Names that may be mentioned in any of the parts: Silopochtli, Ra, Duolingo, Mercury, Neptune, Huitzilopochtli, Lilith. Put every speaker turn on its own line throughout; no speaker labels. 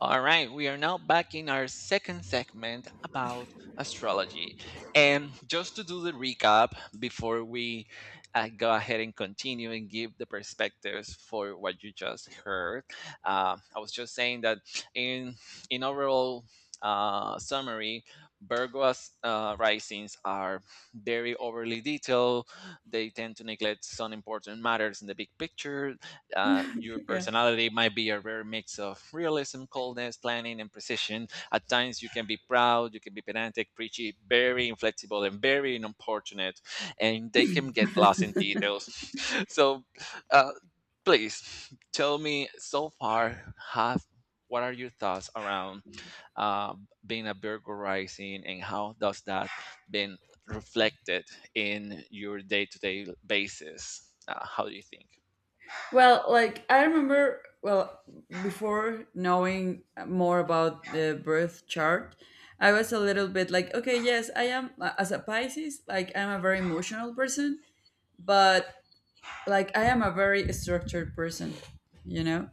All right, we are now back in our second segment about astrology. And just to do the recap before we go ahead and continue and give the perspectives for what you just heard, I was just saying that in in overall summary, Virgo's risings are very overly detailed. They tend to neglect some important matters in the big picture. Your
Yeah.
personality might be a rare mix of realism, coldness, planning, and precision. At times, you can be proud, you can be pedantic, preachy, very inflexible, and very unfortunate, and they can get lost in details. So, uh, please tell me so far, have what are your thoughts around uh, being a burglarizing and how does that been reflected in your day-to-day basis, how do you think?
Well, like I remember, well, before knowing more about the birth chart, I was a little bit like, okay, yes, I am as a Pisces, like I'm a very emotional person, but like I am a very structured person, you know?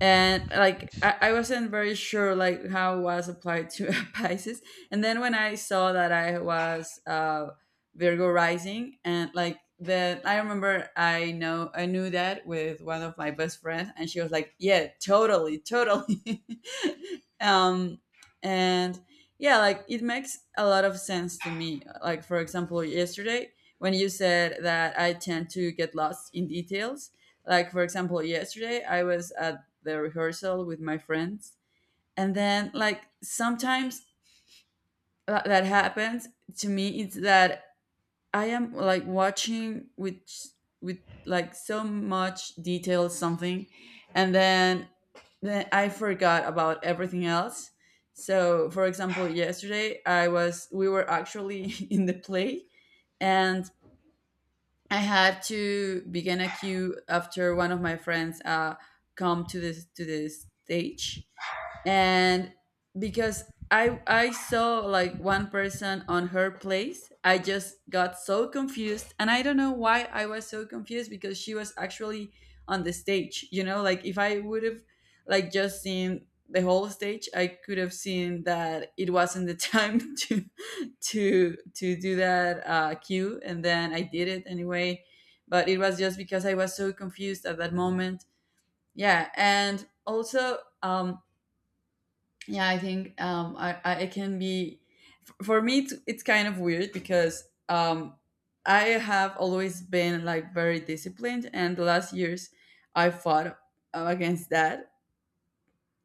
And like I wasn't very sure like how it was applied to Pisces. And then when I saw that I was Virgo rising, and like the I remember I know I knew that with one of my best friends, and she was like, "Yeah, totally, totally." um, and yeah, like it makes a lot of sense to me. Like, for example, yesterday when you said that I tend to get lost in details, like, for example, yesterday I was at the rehearsal with my friends. And then, like, sometimes that happens to me. It's that I am like watching with like so much detail something, and then I forgot about everything else. So, for example, yesterday I was we were actually in the play, and I had to begin a queue after one of my friends come to this stage, and because I saw like one person on her place, I just got so confused, and I don't know why I was so confused because she was actually on the stage. You know, like if I would have like just seen the whole stage, I could have seen that it wasn't the time to do that cue, and then I did it anyway. But it was just because I was so confused at that moment. Yeah, and also, yeah, I think, I it can be for me. It's kind of weird because I have always been like very disciplined, and the last years I fought against that,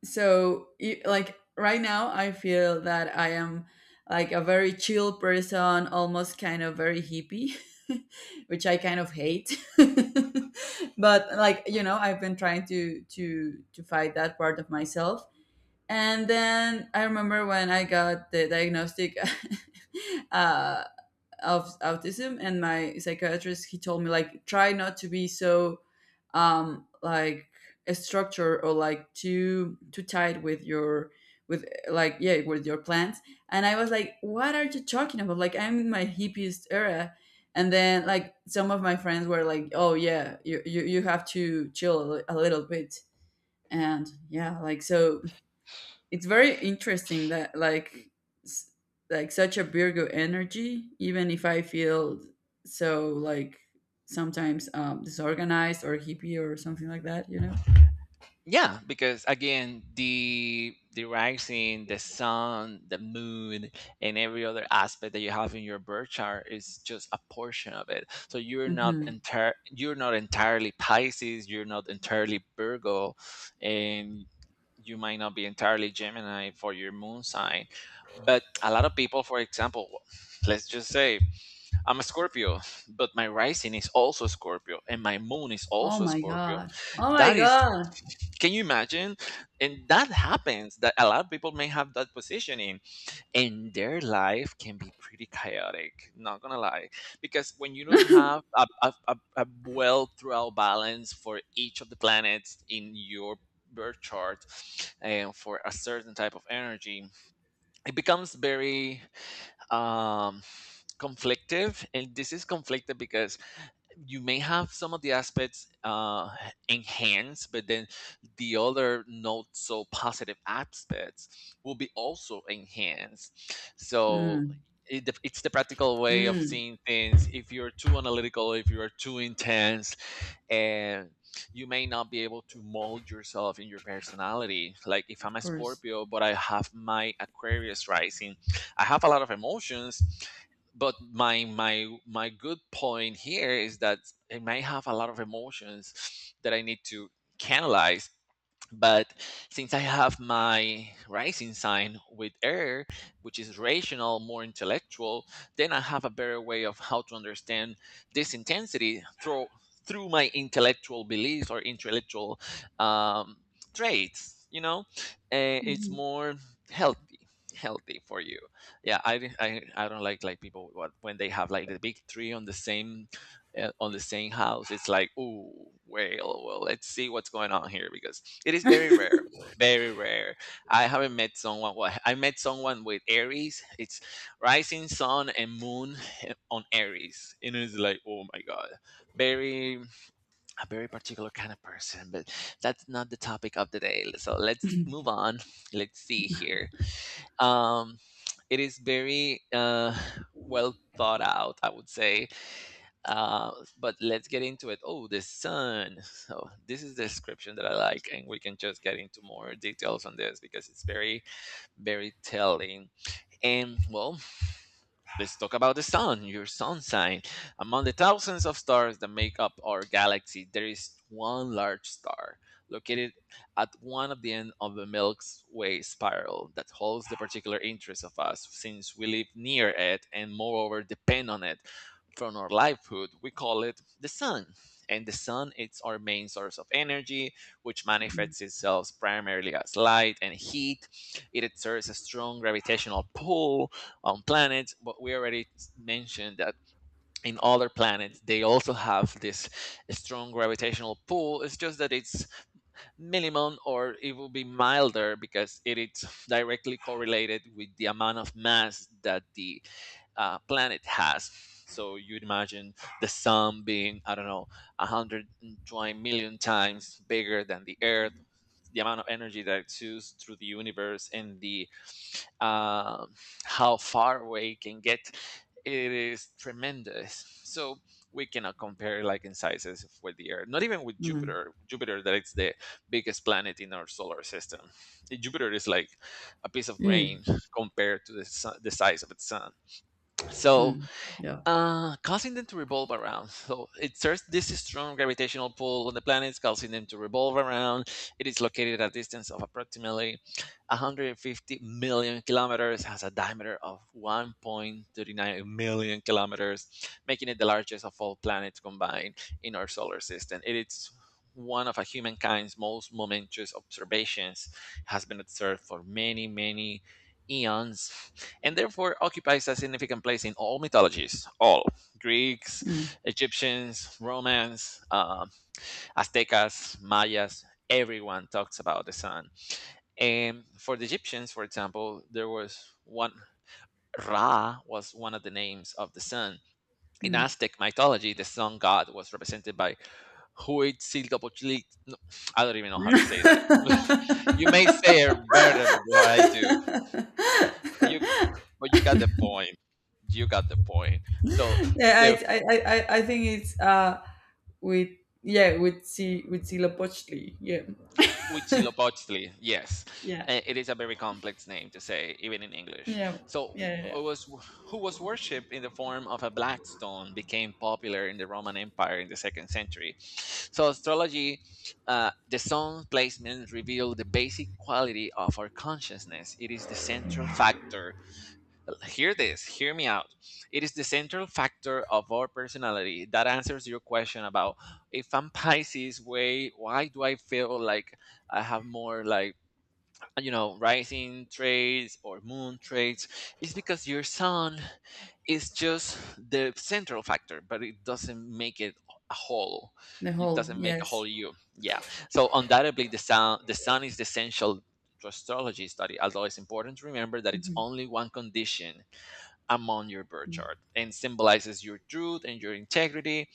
so like right now I feel that I am like a very chill person, almost kind of very hippie, which I kind of hate, but, like, I've been trying to fight that part of myself. And then I remember when I got the diagnostic uh, of autism, and my psychiatrist, he told me like, "Try not to be so like a structure, or like too tight with your, with like, yeah, with your plans." And I was like, "What are you talking about? Like, I'm in my hippiest era." And then, like, some of my friends were like, "Oh, yeah, you have to chill a little bit." And yeah, like, so it's very interesting that like, s- like, such a Virgo energy, even if I feel so like sometimes disorganized or hippie or something like that.
Yeah, because again, the rising, the sun, the moon, and every other aspect that you have in your birth chart is just a portion of it. So
Hmm.
you're not entirely Pisces, you're not entirely Virgo, and you might not be entirely Gemini for your moon sign. But a lot of people, for example, let's just say I'm a Scorpio, but my rising is also Scorpio and my moon is
Oh
also
my
Scorpio.
god, oh my
That is
god.
Can you imagine? And that happens that a lot of people may have that positioning and their life can be pretty chaotic, not gonna lie. Because when you don't have a well throughout balance for each of the planets in your birth chart and for a certain type of energy, it becomes very um, conflictive, and this is conflicted because you may have some of the aspects enhanced, but then the other not so positive aspects will be also enhanced. So
Mm.
it's the practical way of
Mm.
seeing things. If you're too analytical, if you're too intense, and you may not be able to mold yourself in your personality. Like if I'm
Of
a
course.
Scorpio, but I have my Aquarius rising, I have a lot of emotions, but my good point here is that I may have a lot of emotions that I need to canalize, but since I have my rising sign with air, which is rational, more intellectual, then I have a better way of how to understand this intensity through my intellectual beliefs or intellectual um, traits. It's
Mhm.
more healthy healthy for you. Yeah, I don't like people what when they have like the big three on the same, house. It's like, oh, well let's see what's going on here, because it is very rare, very rare. I haven't met someone. Well, I met someone with Aries. It's rising, sun, and moon, on Aries, and it's like, oh my god, very, a very particular kind of person. But that's not the topic of the day. So let's move on. Let's see here. Um, it is very well thought out, I would say. Uh, but let's get into it. Oh, the sun. So this is the description that I like, and we can just get into more details on this because it's very, very telling. And well, let's talk about the sun, your sun sign. Among the thousands of stars that make up our galaxy, there is one large star located at one of the end of the Milky Way spiral that holds the particular interest of us since we live near it and moreover depend on it from our livelihood. We call it the sun. And the sun is our main source of energy, which
Mm.
manifests itself primarily as light and heat. It exerts a strong gravitational pull on planets, but we already mentioned that in other planets they also have this strong gravitational pull. It's just that it's minimum, or it will be milder, because it is directly correlated with the amount of mass that the planet has. So you'd imagine the sun being, I don't know, 120 million times bigger than the earth. The amount of energy that it exudes through the universe and the, um, how far away it can get, it is tremendous. So we cannot compare like in sizes with the earth, not even with
Mm.
Jupiter. Jupiter that it's the biggest planet in our solar system, Jupiter is like a piece of
Mm.
grain compared to the sun, the size of its sun. So
Mm. Yeah.
causing them to revolve around. So it exerts this strong gravitational pull on the planets, causing them to revolve around. It is located at a distance of approximately 150 million kilometers, has a diameter of 1.39 million kilometers, making it the largest of all planets combined in our solar system. It is one of a humankind's most momentous observations, has been observed for many, many eons, and therefore occupies a significant place in all mythologies: all Greeks,
Mm.
Egyptians, Romans, Aztecas, Mayas. Everyone talks about the sun. And for the Egyptians, for example, there was one, Ra was one of the names of the sun. In Aztec mythology, the sun god was represented by Huitzilopochtli. No, I don't even know how to say that. You may say it better than I do.
Mm.
But you but you got the point. You got the point. So
Yeah, I,
the
I, I, I I think it's, with, yeah, with C, with Silopochtli. Yeah,
Huitzilopochtli, yes.
yeah,
It is a very complex name to say even in English.
yeah,
So
yeah,
wh-
yeah.
who was who was worshipped in the form of a black stone, became popular in the Roman empire in the second century. So astrology, the sun placement reveal the basic quality of our consciousness. It is the central factor. Hear this, hear me out. It is the central factor of our personality that answers your question about, if I'm Pisces, way why do I feel like I have more like, you know, rising traits or moon traits? It's because your sun is just the central factor, but it doesn't make it a whole.
The
It
whole,
doesn't make a
yes.
whole you. Yeah. So undoubtedly, the sun is the essential to astrology study, although it's important to remember that it's
Mm-hmm.
only one condition among your birth chart, and symbolizes your truth and your integrity.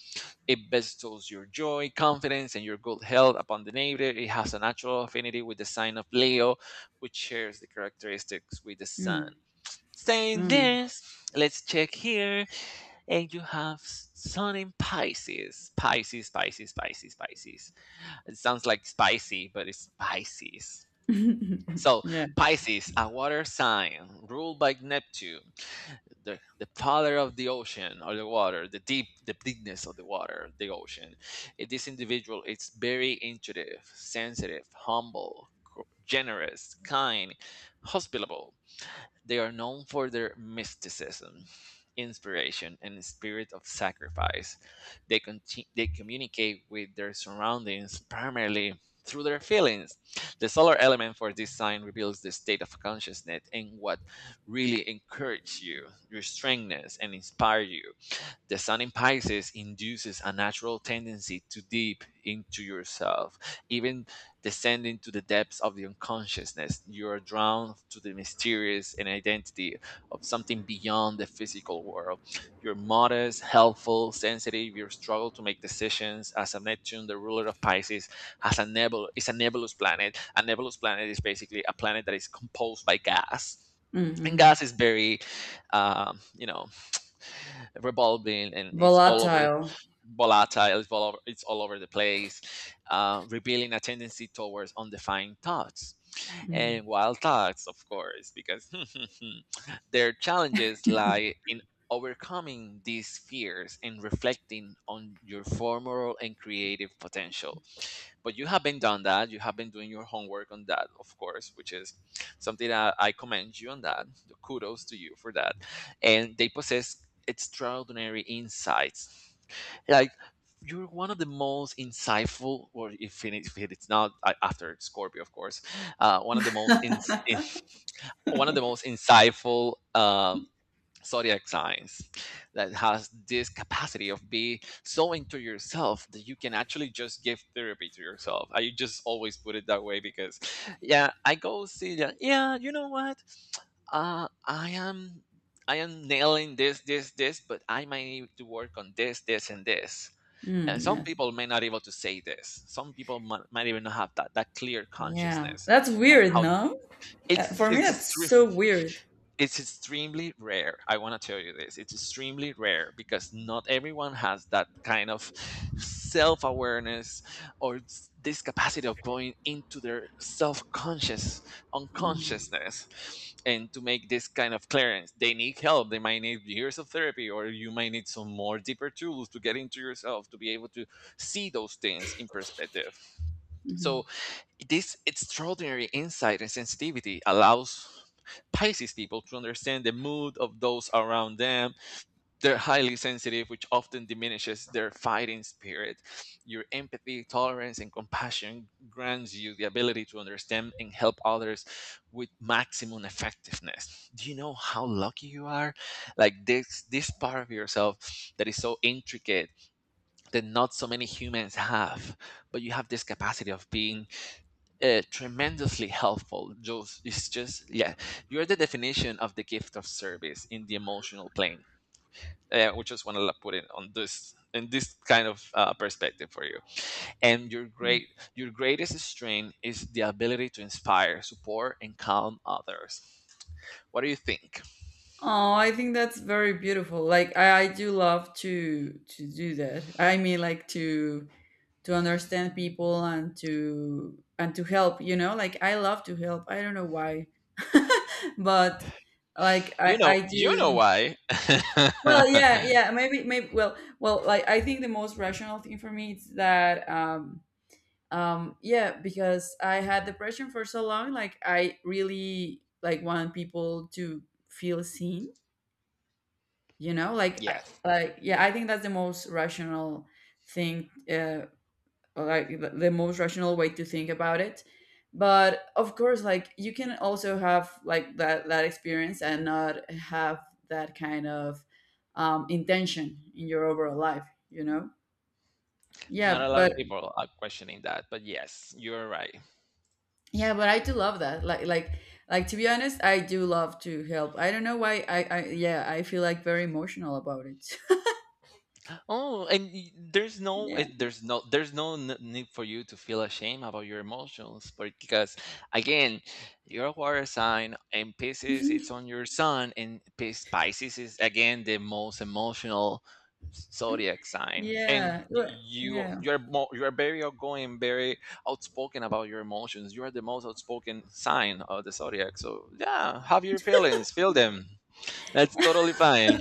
It bestows your joy, confidence, and your good health upon the native. It has a natural affinity with the sign of Leo, which shares the characteristics with the
Mm.
sun. Saying
Mm.
this, let's check here. And you have sun in Pisces. Pisces, Pisces, Pisces, Pisces. It sounds like spicy, but it's Pisces. So,
Yeah.
Pisces, a water sign ruled by Neptune, the father of the ocean, or the water, the deep, the deepness of the water, the ocean. This individual is very intuitive, sensitive, humble, generous, kind, hospitable. They are known for their mysticism, inspiration, and spirit of sacrifice. They communicate with their surroundings primarily through their feelings. The solar element for this sign reveals the state of consciousness and what really encourages you, your strengthness, and inspire you. The sun in Pisces induces a natural tendency to deep into yourself, even descending to the depths of the unconsciousness. You are drawn to the mysterious and identity of something beyond the physical world. You're modest, helpful, sensitive. Your struggle to make decisions, as a Neptune, the ruler of Pisces, has a nebula. It's a nebulous planet. A nebulous planet is basically a planet that is composed by gas,
Mm,
and
hmm
gas is very, um, you know revolving, and it's all over the,
Volatile.
volatile, it's all over the place. Revealing a tendency towards undefined thoughts and
Mm.
wild thoughts, of course, because their challenges lie in overcoming these fears and reflecting on your formal and creative potential. But you have been done that, you have been doing your homework on that, of course, which is something that I commend you on that. Kudos to you for that. And they possess extraordinary insights. Like, you're one of the most insightful, or, if it is not, after Scorpio, of course. One of the most ins in, one of the most insightful zodiac signs that has this capacity of be so into yourself that you can actually just give therapy to yourself. I just always put it that way because, yeah, I go see that, yeah, you know what, uh i am I am nailing this, but I might need to work on this and this. And
Mm.
some
Yes.
people may not able to say this, some people might even not have that clear
Yeah.
consciousness
That's
on
weird,
how
no?
it's
For me,
it's
that's so weird.
it's extremely rare. I want to tell you this. It's extremely rare because not everyone has that kind of self awareness, or this capacity of going into their self conscious,
Mm.
unconsciousness, and to make this kind of clearance. They need help. They might need years of therapy, or you might need some more deeper tools to get into yourself to be able to see those things in perspective. So
Mhm.
this extraordinary insight and sensitivity allows Pisces people to understand the mood of those around them. They're highly sensitive, which often diminishes their fighting spirit. Your empathy, tolerance, and compassion grants you the ability to understand and help others with maximum effectiveness. Do you know how lucky you are? Like this part of yourself that is so intricate that not so many humans have, but you have this capacity of being tremendously helpful. Just it's just yeah, you're the definition of the gift of service in the emotional plane, which is what I put in this kind of perspective for you. And your great your greatest strength is the ability to inspire, support, and calm others. What do you think?
Oh, I think that's very beautiful. Like, I do love to do that. I mean, like, to understand people and to help. Like, I love to help. I don't know why. But, like, i i
You know
do.
why.
Well, yeah, yeah, maybe, well, like, I think the most rational thing for me is that, yeah, because I had depression for so long, like, I really like want people to feel seen, like,
Yes.
like, yeah, I think that's the most rational thing, like, the most rational way to think about it. But of course, like, you can also have like that experience and not have that kind of, intention in your overall life,
Not
yeah,
a lot
but
of people are questioning that, but yes, you're right.
yeah, but I do love that. Like, to be honest, I do love to help. I don't know why. I, yeah, I feel like very emotional about it.
Oh, and there's no, eh,
Yeah,
there's no n- need for you to feel ashamed about your emotions, because again, you're a water sign, and Pisces it's on your sun, and Pisces is again the most emotional zodiac sign, and
yeah.
y- you
Yeah.
you're more you're very outgoing, very outspoken about your emotions. You are the most outspoken sign of the zodiac, so yeah, have your feelings, feel them. That's totally fine.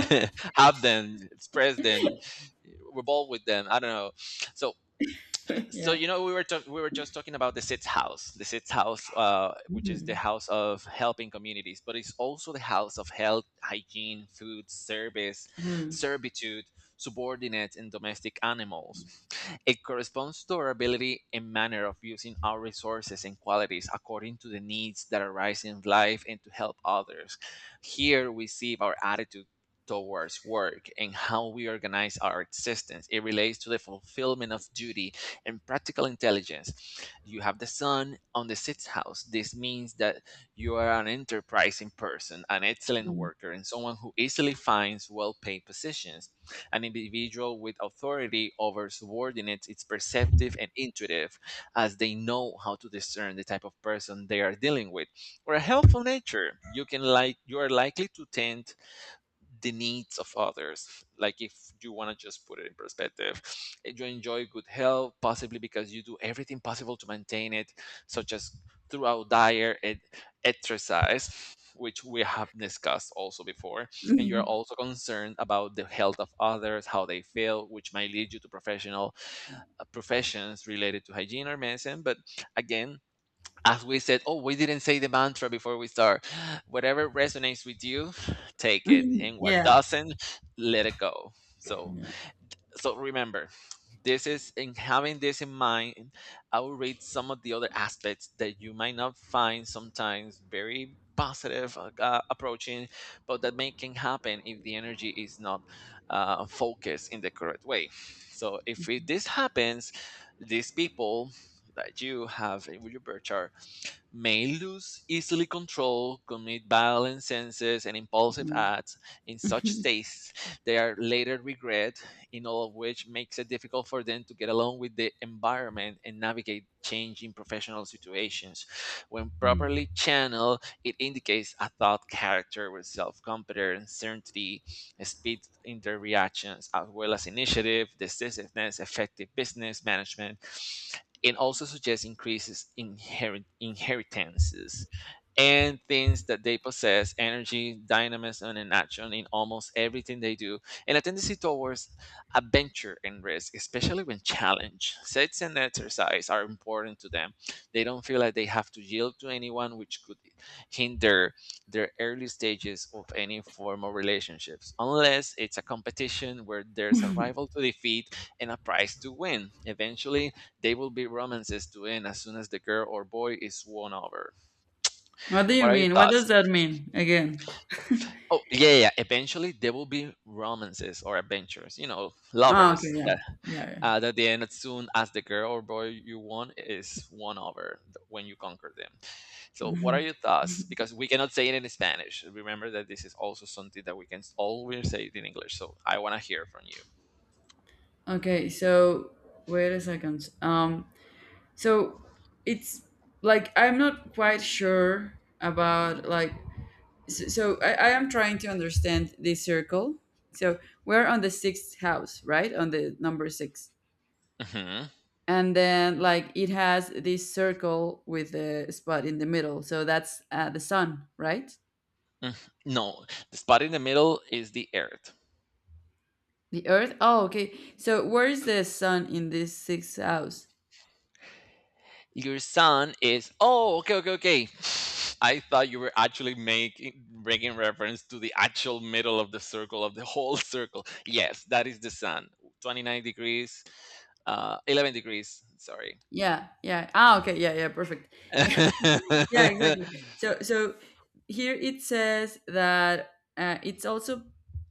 Have them, express them, revolve with them. I don't know. So
Yeah.
you know, we were just talking about the Sitz House, which is the
Mhm.
house of helping communities, but it's also the house of health, hygiene, food, service,
Mm.
servitude, subordinates, and domestic animals. It corresponds to our ability and manner of using our resources and qualities according to the needs that arise in life and to help others. Here we see our attitude towards work and how we organize our existence. It relates to the fulfillment of duty and practical intelligence. You have the sun on the sixth house. This means that you are an enterprising person, an excellent worker, and someone who easily finds well paid positions. An individual with authority over subordinates is perceptive and intuitive, as they know how to discern the type of person they are dealing with. Or a helpful nature, you can like you are likely to tend the needs of others. Like if you want to just put it in perspective, you enjoy good health possibly because you do everything possible to maintain it, such as throughout diet and exercise, which we have discussed also before. And you're
Mm.
also concerned about the health of others, how they feel, which might lead you to professional professions related to hygiene or medicine. But again, as we said, oh, we didn't say the mantra before we start. Whatever resonates with you, take it. And what
Yeah,
doesn't, let it go. So
yeah.
remember, this is in having this in mind, I will read some of the other aspects that you might not find sometimes very positive approaching, but that may can happen if the energy is not focused in the correct way. So if it, this happens, these people that you have in your birth chart may lose easily control, commit violent senses and impulsive
Mm.
acts in such states they are later regret, in all of which makes it difficult for them to get along with the environment and navigate changing professional situations. When
Mm.
properly channeled, it indicates a thought character with self-confidence, certainty, speed in their reactions, as well as initiative, decisiveness, effective business management. It also suggests increases in inheritances and things that they possess, energy, dynamism, and action in almost everything they do, and a tendency towards adventure and risk, especially when challenged. Sex and exercise are important to them. They don't feel like they have to yield to anyone, which could hinder their early stages of any form of relationships, unless it's a competition where there's a rival to defeat and a prize to win. Eventually, they will be romances to end as soon as the girl or boy is won over.
What do you
What are your
mean? What
thoughts?
does that mean again?
Oh, yeah, yeah, yeah. Eventually, there will be romances or adventures, you know,
Ah, okay,
lovers
yeah,
that,
yeah, yeah.
at the end, as soon as the girl or boy you want is won over, when you conquer them. So, what are
Mhm.
your thoughts? Because we cannot say it in Spanish. Remember that this is also something that we can always say it in English. So, I want to hear from you.
Okay, so wait a second. So it's like I'm not quite sure about, like. So I am trying to understand this circle. So we're on the sixth house, right? On the number six,
Hmm.
and then like it has this circle with a spot in the middle. So that's, the sun, right?
No, the spot in the middle is the earth.
The Earth? Oh, okay. So where is the sun in this sixth house?
Your son is, oh, okay, okay, okay. I thought you were actually making reference to the actual middle of the circle of the whole circle. Yes, that is the sun. 29 degrees, 11 degrees, sorry.
Yeah, yeah. Ah, okay. Yeah, yeah. Perfect. Yeah, yeah. Exactly. So here it says that, it's also,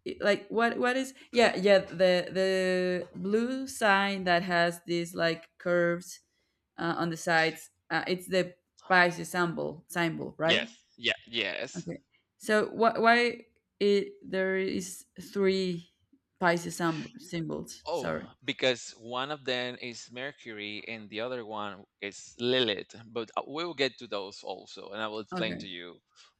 like, what is, yeah, yeah, the blue sign that has these like curves, on the sides. It's the Pisces symbol, right?
Yes, yeah, yes.
Okay. So wh- why it there is three Pisces symbols?
Oh,
Sorry.
because one of them is Mercury and the other one is Lilith. But we will get to those also, and I will explain to
Okay.
you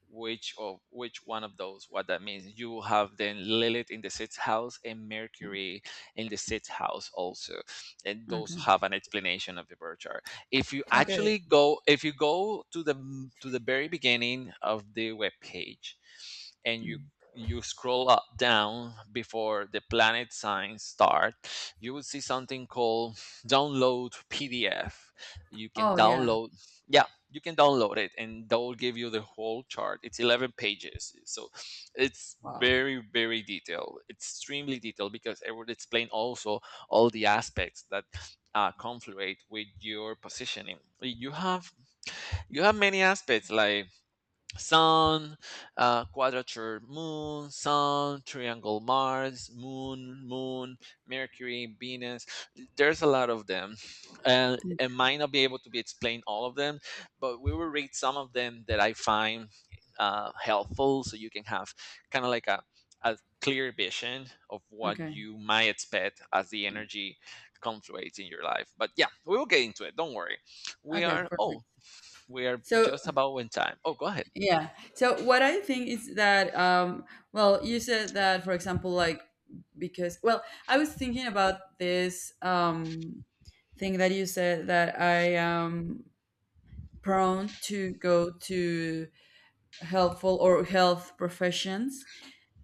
which one of those what that means. You will have then Lilith in the sixth house and
Yeah.
Mercury in the sixth house also, and those
Okay.
have an explanation of the birth chart. If you
Okay.
actually go, if you go to the very beginning of the web page, and you
Mm.
you scroll up down before the planet signs start, you would see something called download PDF. You can
Oh, yeah.
download, yeah, you can download it, and that will give you the whole chart. It's 11 pages, so it's
Wow.
very, very detailed, extremely detailed because it would explain also all the aspects that confluate with your positioning. You have many aspects like sun, quadrature moon, sun, triangle Mars, moon, Mercury, Venus. There's a lot of them. And
Mm.
it might not be able to be explained all of them, but we will read some of them that I find helpful so you can have kind of like a clear vision of what
Okay.
you might expect as the
Yeah.
energy confluates in your life. But yeah, we will get into it. Don't worry. We
Okay.
are,
Perfect.
oh, we are
So
just about in time. Oh, go ahead.
yeah. So what I think is that, well, you said that for example, like, because, well, I was thinking about this, thing that you said that I am prone to go to helpful or health professions.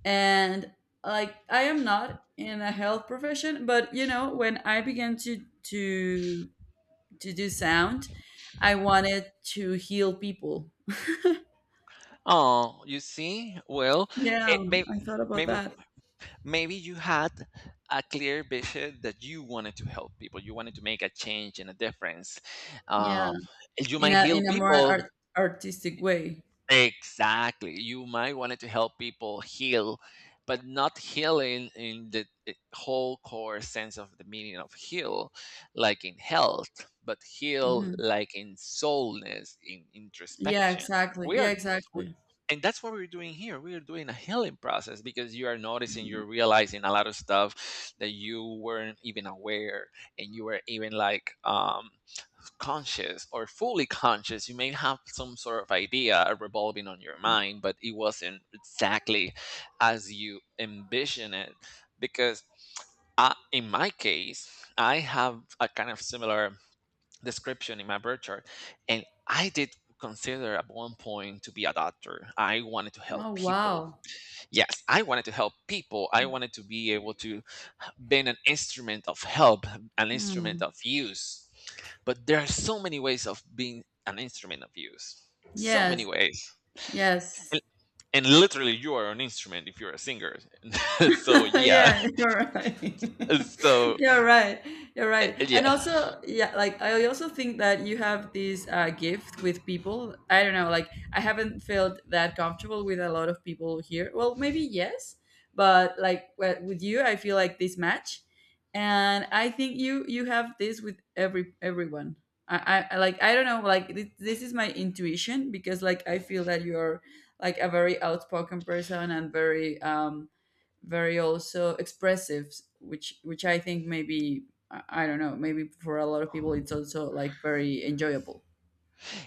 And like, I am not in a health profession, but, when I began to do sound, I wanted to heal people.
Oh, you see? Well,
Yeah,
it may,
I thought about
maybe
that.
maybe you had a clear vision that you wanted to help people. You wanted to make a change and a difference.
Yeah,
Um, you
in
might
a
heal
more
people.
artistic way.
Exactly. You might wanted to help people heal, but not healing in the whole core sense of the meaning of heal, like in health, but heal
Hmm.
like in soulness, in
Yeah,
introspection.
exactly,
We
yeah,
are, we,
exactly.
and that's what we're doing here. We are doing a healing process because you are noticing, you're realizing a lot of stuff that you weren't even aware, and you were even like, conscious or fully conscious. You may have some sort of idea revolving on your mind, but it wasn't exactly as you envision it, because I, in my case, I have a kind of similar description in my birth chart, and I did consider at one point to be a doctor. I wanted to help
Oh,
people.
wow.
Yes, I wanted to help people. I wanted to be able to been an instrument of help, an instrument
Hmm.
of use. But there are so many ways of being an instrument of use. So many
Yes.
ways.
Yes.
And, and literally, you are an instrument if you're a singer. So, yeah.
Yeah, you're right.
So,
You're right. You're right. And
yeah.
also, yeah, like, I also think that you have this, gift with people. I don't know, like, I haven't felt that comfortable with a lot of people here. Well, maybe, yes, but, like, with you, I feel like this match, and I think you have this with everyone. Like, I don't know. Like, this is my intuition because like I feel that you're like a very outspoken person, and very, very, also expressive, which, I think maybe, I don't know, maybe for a lot of people it's also like very enjoyable.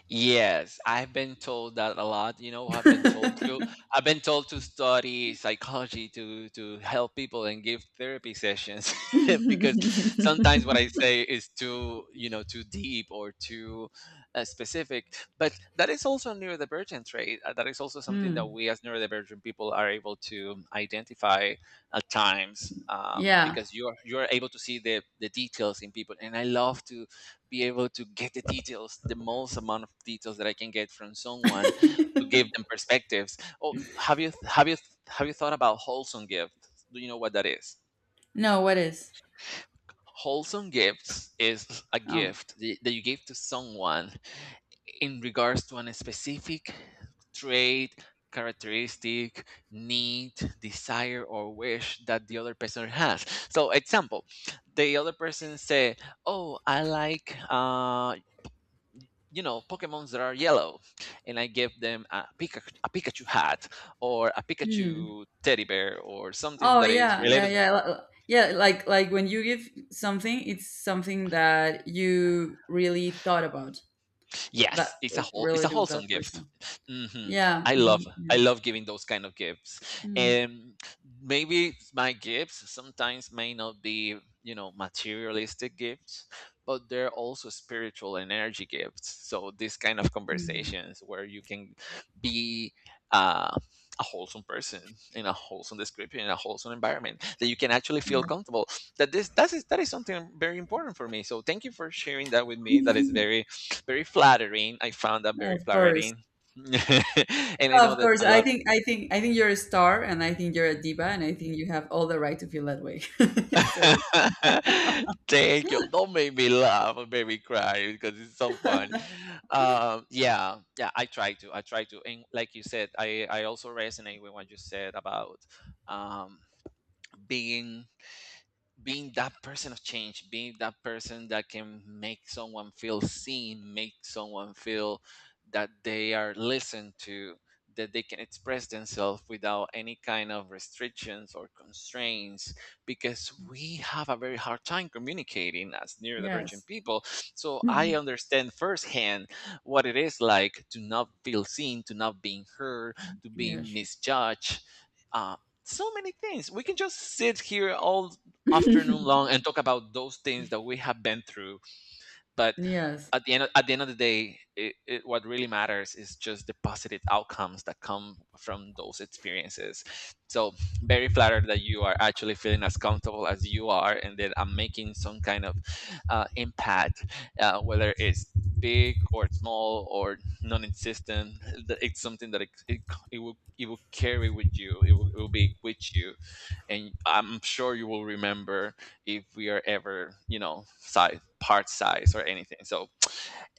Yes, I've been told that a lot. You know, I've been told to study psychology to help people and give therapy sessions because sometimes what I say is too, you know, too deep or too specific. But that is also a neurodivergent trait. That is also something that
Hmm.
we as neurodivergent people are able to identify at times,
Yeah.
because you're able to see the details in people. And I love to be able to get the details, the most amount of details that I can get from someone to give them perspectives. Oh, have you thought about wholesome gifts? Do you know what that is?
No, what is?
Wholesome gifts is a
Oh.
gift that you give to someone in regards to a specific trait, characteristic, need, desire, or wish that the other person has. So, example, the other person say, "Oh, I like, you know, pokemons that are yellow," and I give them a pikachu hat or a
Hmm.
pikachu teddy bear or something
Oh,
that is
yeah, yeah,
related.
yeah. Yeah, like when you give something, it's something that you really thought about, that,
Yes, it's a
with,
whole it's a
relative to
wholesome
that
gift.
person.
Hmm.
Yeah.
I love
Mhm.
I
Yeah.
love giving those kind of gifts,
Mm.
and maybe my gifts sometimes may not be, you know, materialistic gifts, but they're also spiritual and energy gifts. So these kind of
Mhm.
conversations where you can be, Uh, a wholesome person in a wholesome description in a wholesome environment that you can actually feel
Yeah.
comfortable, that is something very important for me, so thank you for sharing that with me. That is very, very flattering. I found that
Yeah,
very
of course.
flattering. And I know
Of
that
course,
a
I
lot of,
think I think I think you're a star, and I think you're a diva, and I think you have all the right to feel that way. So,
thank you. Don't make me laugh or make me cry because it's so fun. Yeah, yeah. I try to. I try to. And like you said, I also resonate with what you said about, um, being being that person of change, being that person that can make someone feel seen, make someone feel that they are listened to, that they can express themselves without any kind of restrictions or constraints, because we have a very hard time communicating as neurodivergent
yes.
people. So I
Mhm.
understand firsthand what it is like to not feel seen, to not being heard, to being
Yes,
misjudged. Uh, so many things. We can just sit here all afternoon long and talk about those things that we have been through. But
yes,
at the end of the day, what really matters is just the positive outcomes that come from those experiences. So very flattered that you are actually feeling as comfortable as you are, and that I'm making some kind of impact, whether it's big or small or non-existent. That It's something that, it will carry with you. It will it will be with you, and I'm sure you will remember if we are ever, you know, size part size or anything. So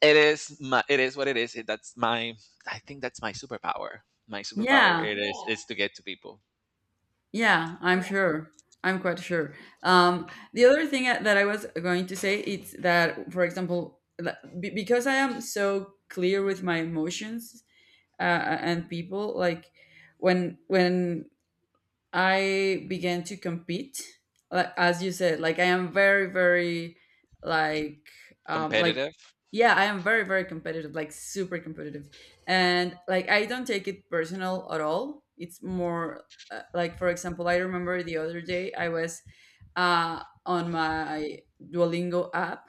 it is my, it is what it is it, that's my, I think that's My superpower,
yeah,
it is. Yeah, is to get to people.
yeah. I'm sure. I'm quite sure. Um, the other thing that I was going to say is that, for example, because I am so clear with my emotions, uh, and people, like when, I began to compete, like, as you said, like I am very, very, like, um, like,
Competitive.
yeah, I am very, very competitive, like super competitive, and like I don't take it personal at all. It's more, like, for example, I remember the other day I was, on my Duolingo app,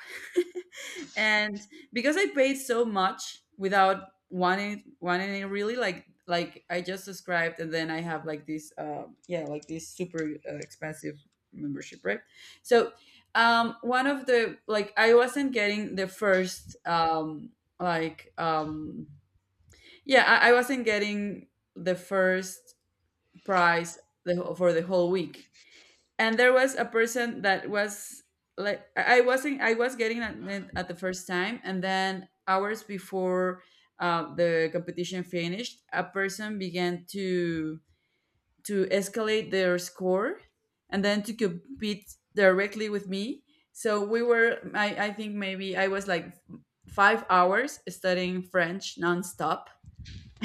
and because I paid so much without wanting it really, like, I just subscribed, and then I have like this, yeah, like this super, expensive membership, right? So, one of the, like, I wasn't getting the first, like, yeah, I wasn't getting the first prize, for the whole week. And there was a person that was like, I wasn't I was getting it at the first time, and then hours before, the competition finished, a person began to escalate their score, and then to compete directly with me. So I think maybe I was like 5 hours studying French nonstop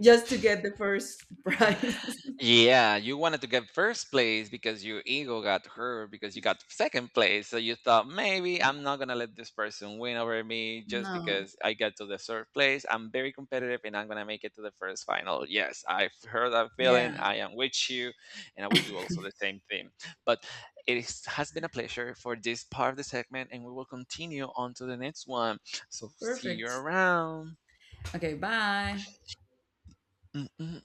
just to get the first prize.
Yeah, you wanted to get first place because your ego got hurt because you got second place. So you thought maybe I'm not gonna let this person win over me just
No.
because I got to the third place. I'm very competitive and I'm gonna make it to the first final. Yes, I've heard that feeling.
Yeah.
I am with you, and I will do also the same thing. But it is, has been a pleasure for this part of the segment, and we will continue on to the next one. So see you
Perfect.
around.
Okay, bye.
Mm, mm.